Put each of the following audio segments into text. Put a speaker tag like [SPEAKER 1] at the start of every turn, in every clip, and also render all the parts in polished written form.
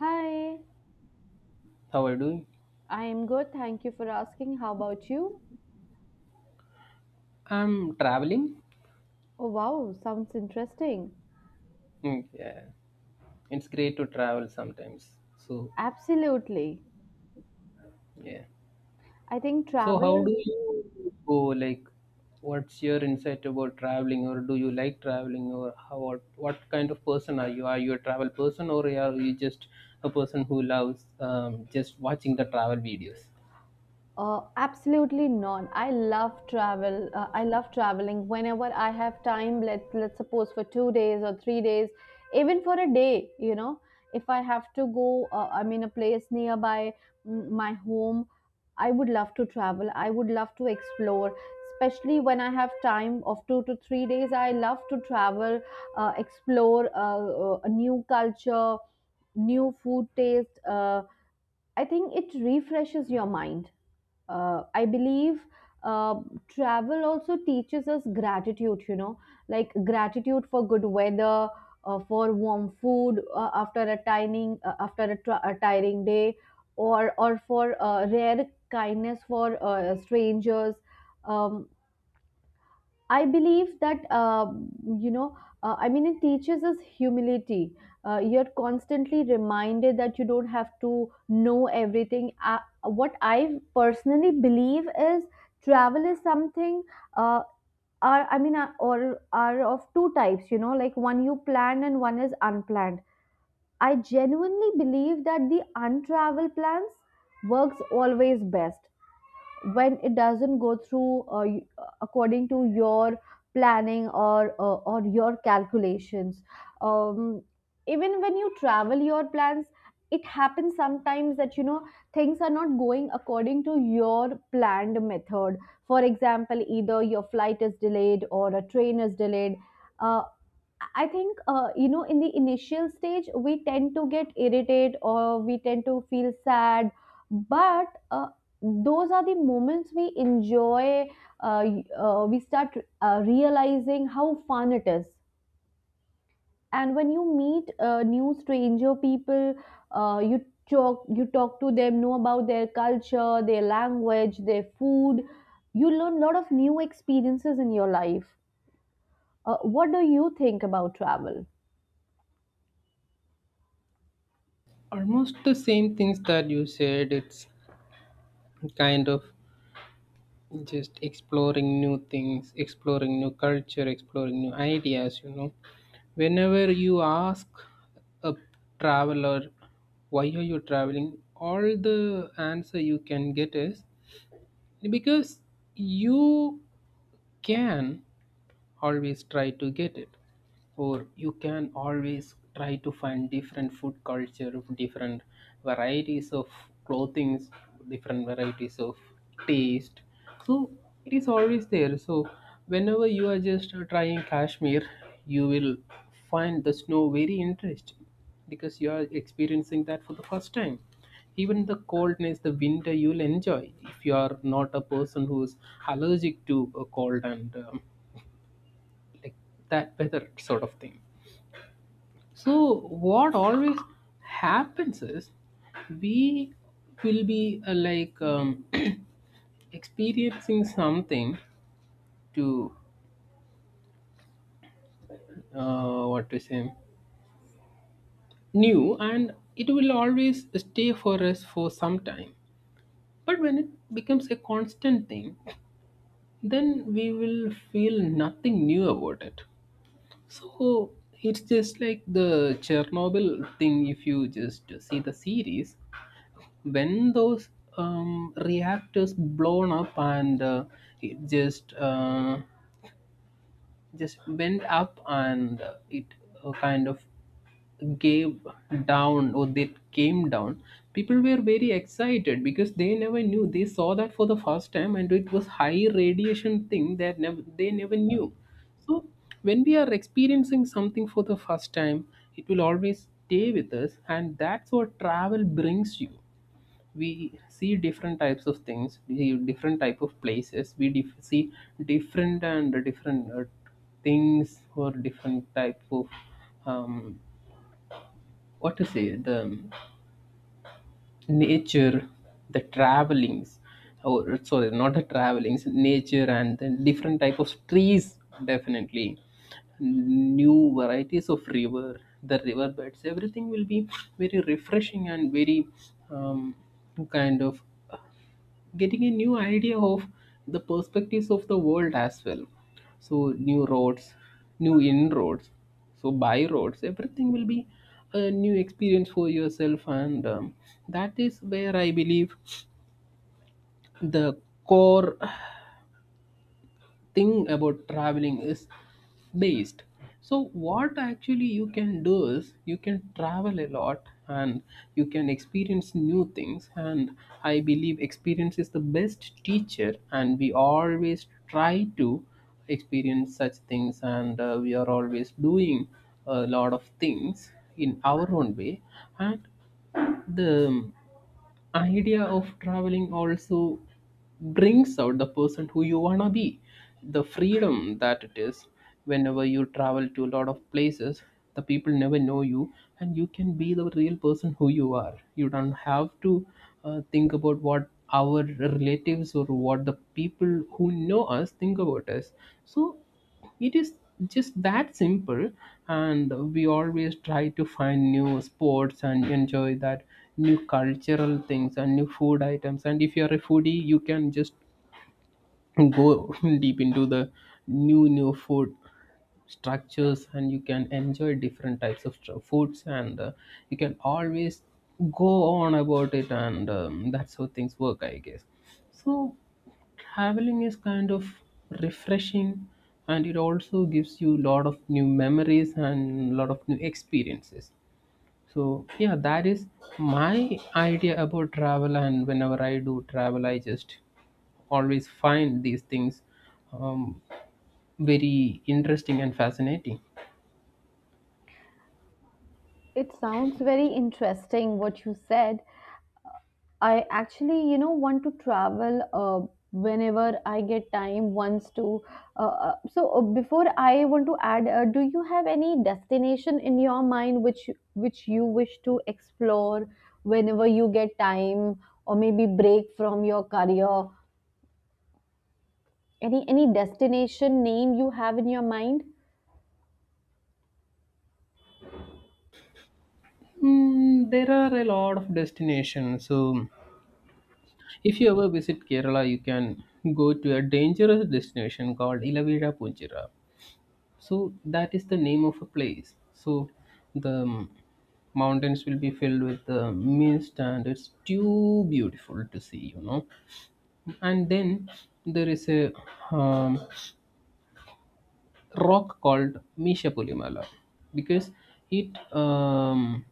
[SPEAKER 1] Hi.
[SPEAKER 2] How are you doing?
[SPEAKER 1] I am good. Thank you for asking. How about you?
[SPEAKER 2] I'm traveling.
[SPEAKER 1] Oh, wow, sounds interesting.
[SPEAKER 2] Mm, yeah, it's great to travel sometimes. So,
[SPEAKER 1] Absolutely.
[SPEAKER 2] yeah.
[SPEAKER 1] I think
[SPEAKER 2] So,
[SPEAKER 1] travel
[SPEAKER 2] how
[SPEAKER 1] is.
[SPEAKER 2] do you go? Like, what's your insight about traveling, or do you like traveling, or how? What kind of person are you? Are you a travel person, or are you just a person who loves just watching the travel videos?
[SPEAKER 1] Absolutely not. I love travel. I love traveling whenever I have time. Let's suppose for 2 days or 3 days, even for a day. You know, if I have to go, I'm in a place nearby my home. I would love to travel. I would love to explore, especially when I have time of 2 to 3 days. I love to travel, explore a new culture, new food taste. I think it refreshes your mind. I believe uh, travel also teaches us gratitude, you know, like gratitude for good weather, for warm food after a tiring a tiring day, or for rare kindness for strangers. Um, I believe that you know. I mean, it teaches us humility. You're constantly reminded that you don't have to know everything. What I personally believe is travel is something. Uh, or are of two types. You know, like one you plan and one is unplanned. I genuinely believe that the untravel plans works always best when it doesn't go through according to your planning or your calculations. um, Even when you travel your plans, it happens sometimes that you know things are not going according to your planned method. For example, either your flight is delayed or a train is delayed. uh, I think, you know, in the initial stage, we tend to get irritated or we tend to feel sad. But those are the moments we enjoy. We start realizing how fun it is. And when you meet new stranger people, you talk to them, know about their culture, their language, their food. You learn a lot of new experiences in your life. What do you think about travel?
[SPEAKER 2] Almost the same things that you said. It's kind of just exploring new things, exploring new culture, exploring new ideas. Whenever you ask a traveler, why are you traveling, all the answer you can get is, because you can always try to get it, or you can always try to find different food culture, different varieties of clothings, different varieties of taste. So it is always there. So whenever you are just trying Kashmir, you will find the snow very interesting because you are experiencing that for the first time. Even the coldness, the winter, you'll enjoy if you are not a person who's allergic to a cold, and like that weather sort of thing. So what always happens is, we will be like, experiencing something to, what to say, new, and it will always stay for us for some time. But when it becomes a constant thing, then we will feel nothing new about it. So it's just like the Chernobyl thing. If you just see the series, when those reactors blown up, and it just went up, and it, kind of, gave down, or they came down, people were very excited because they never knew, they saw that for the first time, and it was high radiation thing that never they never knew. So when we are experiencing something for the first time, it will always stay with us, and that's what travel brings you. We see different types of things, we see different type of places, we see different and different things, or different type of, um, what to say, the nature, the travelings, or sorry, not the travelings, nature. And then different type of trees, definitely new varieties of river, the river beds, everything will be very refreshing and very, um, kind of getting a new idea of the perspectives of the world as well. So new roads, new inroads, so by roads, everything will be a new experience for yourself, and that is where I believe the core thing about traveling is based. So what actually you can do is, you can travel a lot, and you can experience new things, and I believe experience is the best teacher, and we always try to experience such things. And we are always doing a lot of things in our own way. And the idea of traveling also brings out the person who you wanna be, the freedom that it is. Whenever you travel to a lot of places, the people never know you, and you can be the real person who you are. You don't have to think about what our relatives or what the people who know us think about us. So it is just that simple. And we always try to find new sports and enjoy that, new cultural things and new food items. And if you are a foodie, you can just go deep into the new food structures, and you can enjoy different types of foods. And you can always go on about it. And that's how things work, I guess. So traveling is kind of refreshing, and it also gives you a lot of new memories and a lot of new experiences. So yeah, that is my idea about travel. And whenever I do travel, I just always find these things um, very interesting and fascinating.
[SPEAKER 1] It sounds very interesting what you said. I actually want to travel whenever I get time once to. So before I want to add, do you have any destination in your mind which you wish to explore whenever you get time or maybe break from your career? Any destination name you have in your mind?
[SPEAKER 2] Mm, there are a lot of destinations. So if you ever visit Kerala, you can go to a dangerous destination called Ilavira Punjira. So that is the name of a place. So the mountains will be filled with the mist, and it's too beautiful to see. And then there is a, um, rock called Mishapulimala, because it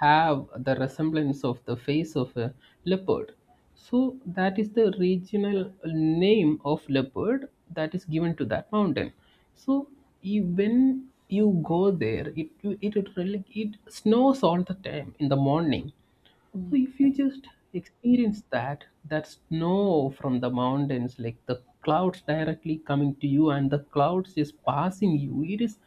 [SPEAKER 2] have the resemblance of the face of a leopard. So that is the regional name of leopard that is given to that mountain. So when you go there, it, really, it snows all the time in the morning. So if you just experience that snow from the mountains, like the clouds directly coming to you and the clouds just passing you, it is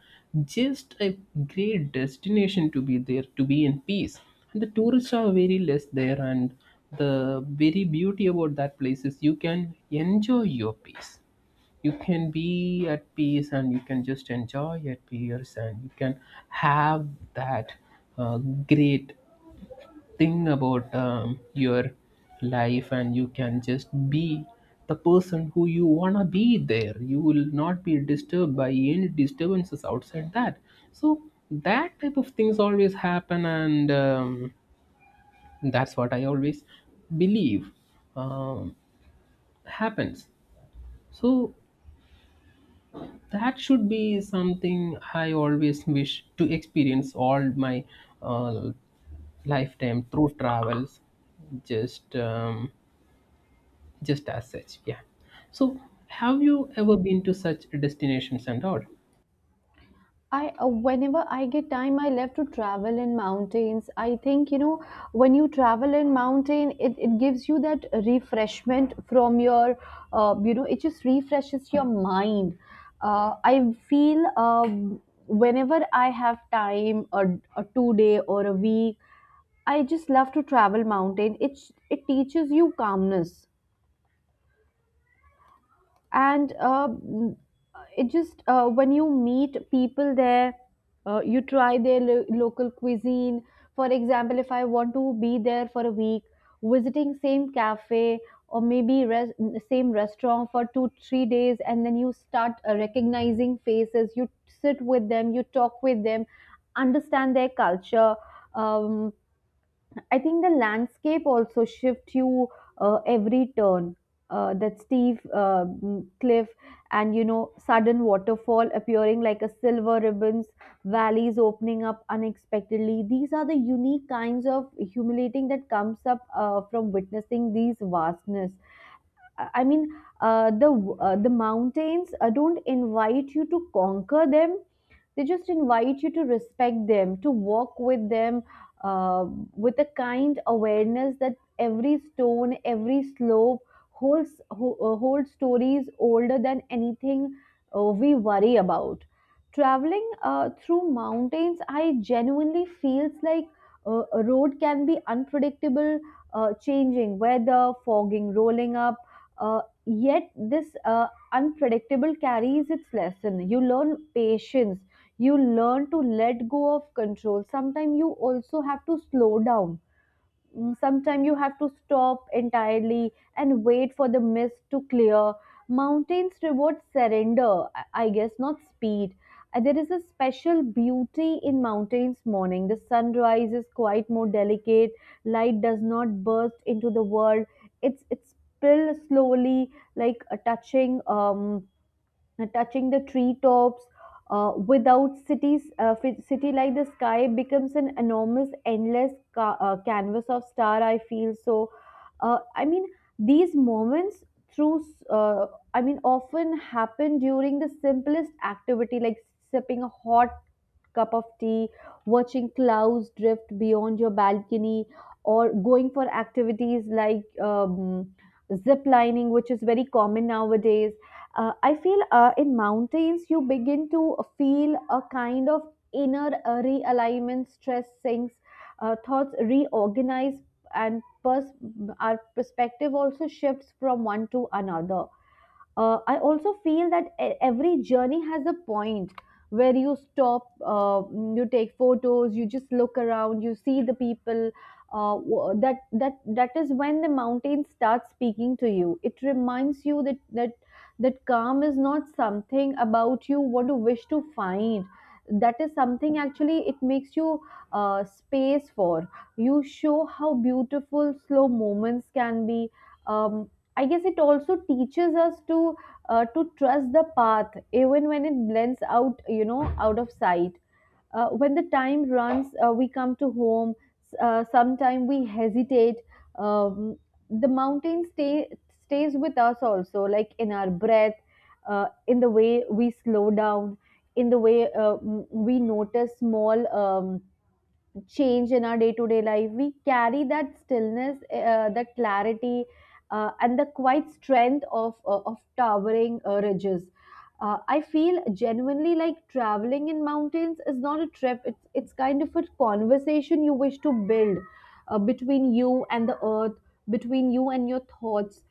[SPEAKER 2] just a great destination to be there, to be in peace. And the tourists are very less there, and the very beauty about that place is, you can enjoy your peace, you can be at peace, and you can just enjoy at peace. And you can have that great think about your life, and you can just be the person who you want to be there. You will not be disturbed by any disturbances outside that. So that type of things always happen, and that's what I always believe um, happens. So that should be something I always wish to experience all my uh, lifetime through travels, just um, just as such, yeah. So have you ever been to such destinations and all?
[SPEAKER 1] I whenever I get time, I love to travel in mountains. I think, you know, when you travel in mountain, it gives you that refreshment from your, you know, it just refreshes your mind. I feel whenever I have time, a 2 day or a week, I just love to travel mountain. It teaches you calmness and it just, when you meet people there, you try their local cuisine. For example, if I want to be there for a week visiting same cafe, or maybe same restaurant for 2 3 days, and then you start recognizing faces. You sit with them, you talk with them, understand their culture. um, I think the landscape also shift you every turn. That steep cliff, and you know sudden waterfall appearing like a silver ribbons, valleys opening up unexpectedly. These are the unique kinds of humiliating that comes up from witnessing these vastness. I mean, uh, the the mountains don't invite you to conquer them. They just invite you to respect them, to walk with them uh, with a kind awareness that every stone, every slope holds holds stories older than anything we worry about. Traveling through mountains, I genuinely feels like a road can be unpredictable. Changing weather, fogging rolling up, uh, yet this unpredictable carries its lesson. You learn patience, you learn to let go of control. Sometimes you also have to slow down, sometimes you have to stop entirely and wait for the mist to clear. Mountains reward surrender, I guess, not speed. There is a special beauty in mountains morning. The sunrise is quite more delicate. Light does not burst into the world. It's still slowly, like touching touching the treetops. Without cities, city, like the sky becomes an enormous, endless canvas of star. I feel so. I mean, these moments through, s- uh, I mean, often happen during the simplest activity, like sipping a hot cup of tea, watching clouds drift beyond your balcony, or going for activities like um, zip lining, which is very common nowadays. I feel in mountains you begin to feel a kind of inner realignment. Stress sinks, thoughts reorganize, and our perspective also shifts from one to another. I also feel that every journey has a point where you stop, you take photos, you just look around, you see the people. That that is when the mountain starts speaking to you. It reminds you that that calm is not something about you what you wish to find. That is something actually it makes you space for. You show how beautiful slow moments can be. Um, I guess it also teaches us to trust the path even when it blends out, you know, out of sight. When the time runs, we come to home, sometime we hesitate. um, the stays with us also, like in our breath, in the way we slow down, in the way we notice small um, change in our day-to-day life. We carry that stillness, the clarity, and the quiet strength of towering ridges. I feel genuinely like traveling in mountains is not a trip. It's kind of a conversation you wish to build, between you and the earth, between you and your thoughts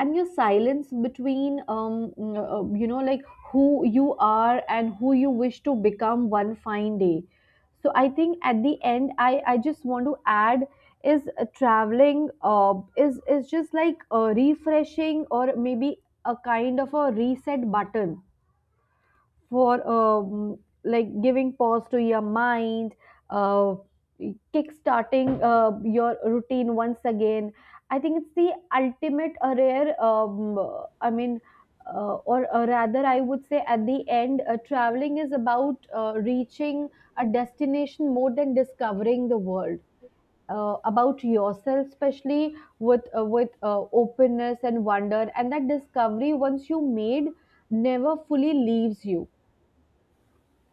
[SPEAKER 1] and your silence, between you know, like who you are and who you wish to become one fine day. So I think, at the end, I just want to add is, traveling is just like refreshing, or maybe a kind of a reset button for, like, giving pause to your mind, uh, kick-starting your routine once again. I think it's the ultimate rare I mean or rather I would say, at the end, traveling is about reaching a destination more than discovering the world, about yourself, especially with openness and wonder. And that discovery, once you made, never fully leaves you.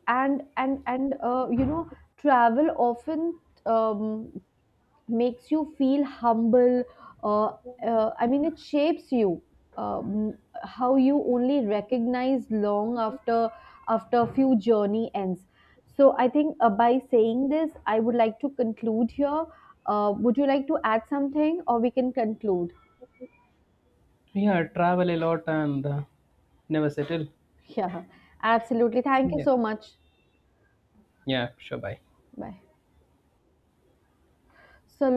[SPEAKER 1] And you know, travel often um, makes you feel humble. uh, I mean, it shapes you, um, how you only recognize long after a few journey ends. So I think, by saying this, I would like to conclude here. Would you like to add something, or we can conclude?
[SPEAKER 2] Yeah, travel a lot, and never settle.
[SPEAKER 1] Yeah, absolutely. Thank you
[SPEAKER 2] Yeah.
[SPEAKER 1] so much.
[SPEAKER 2] Yeah, sure, bye.
[SPEAKER 1] Bye. So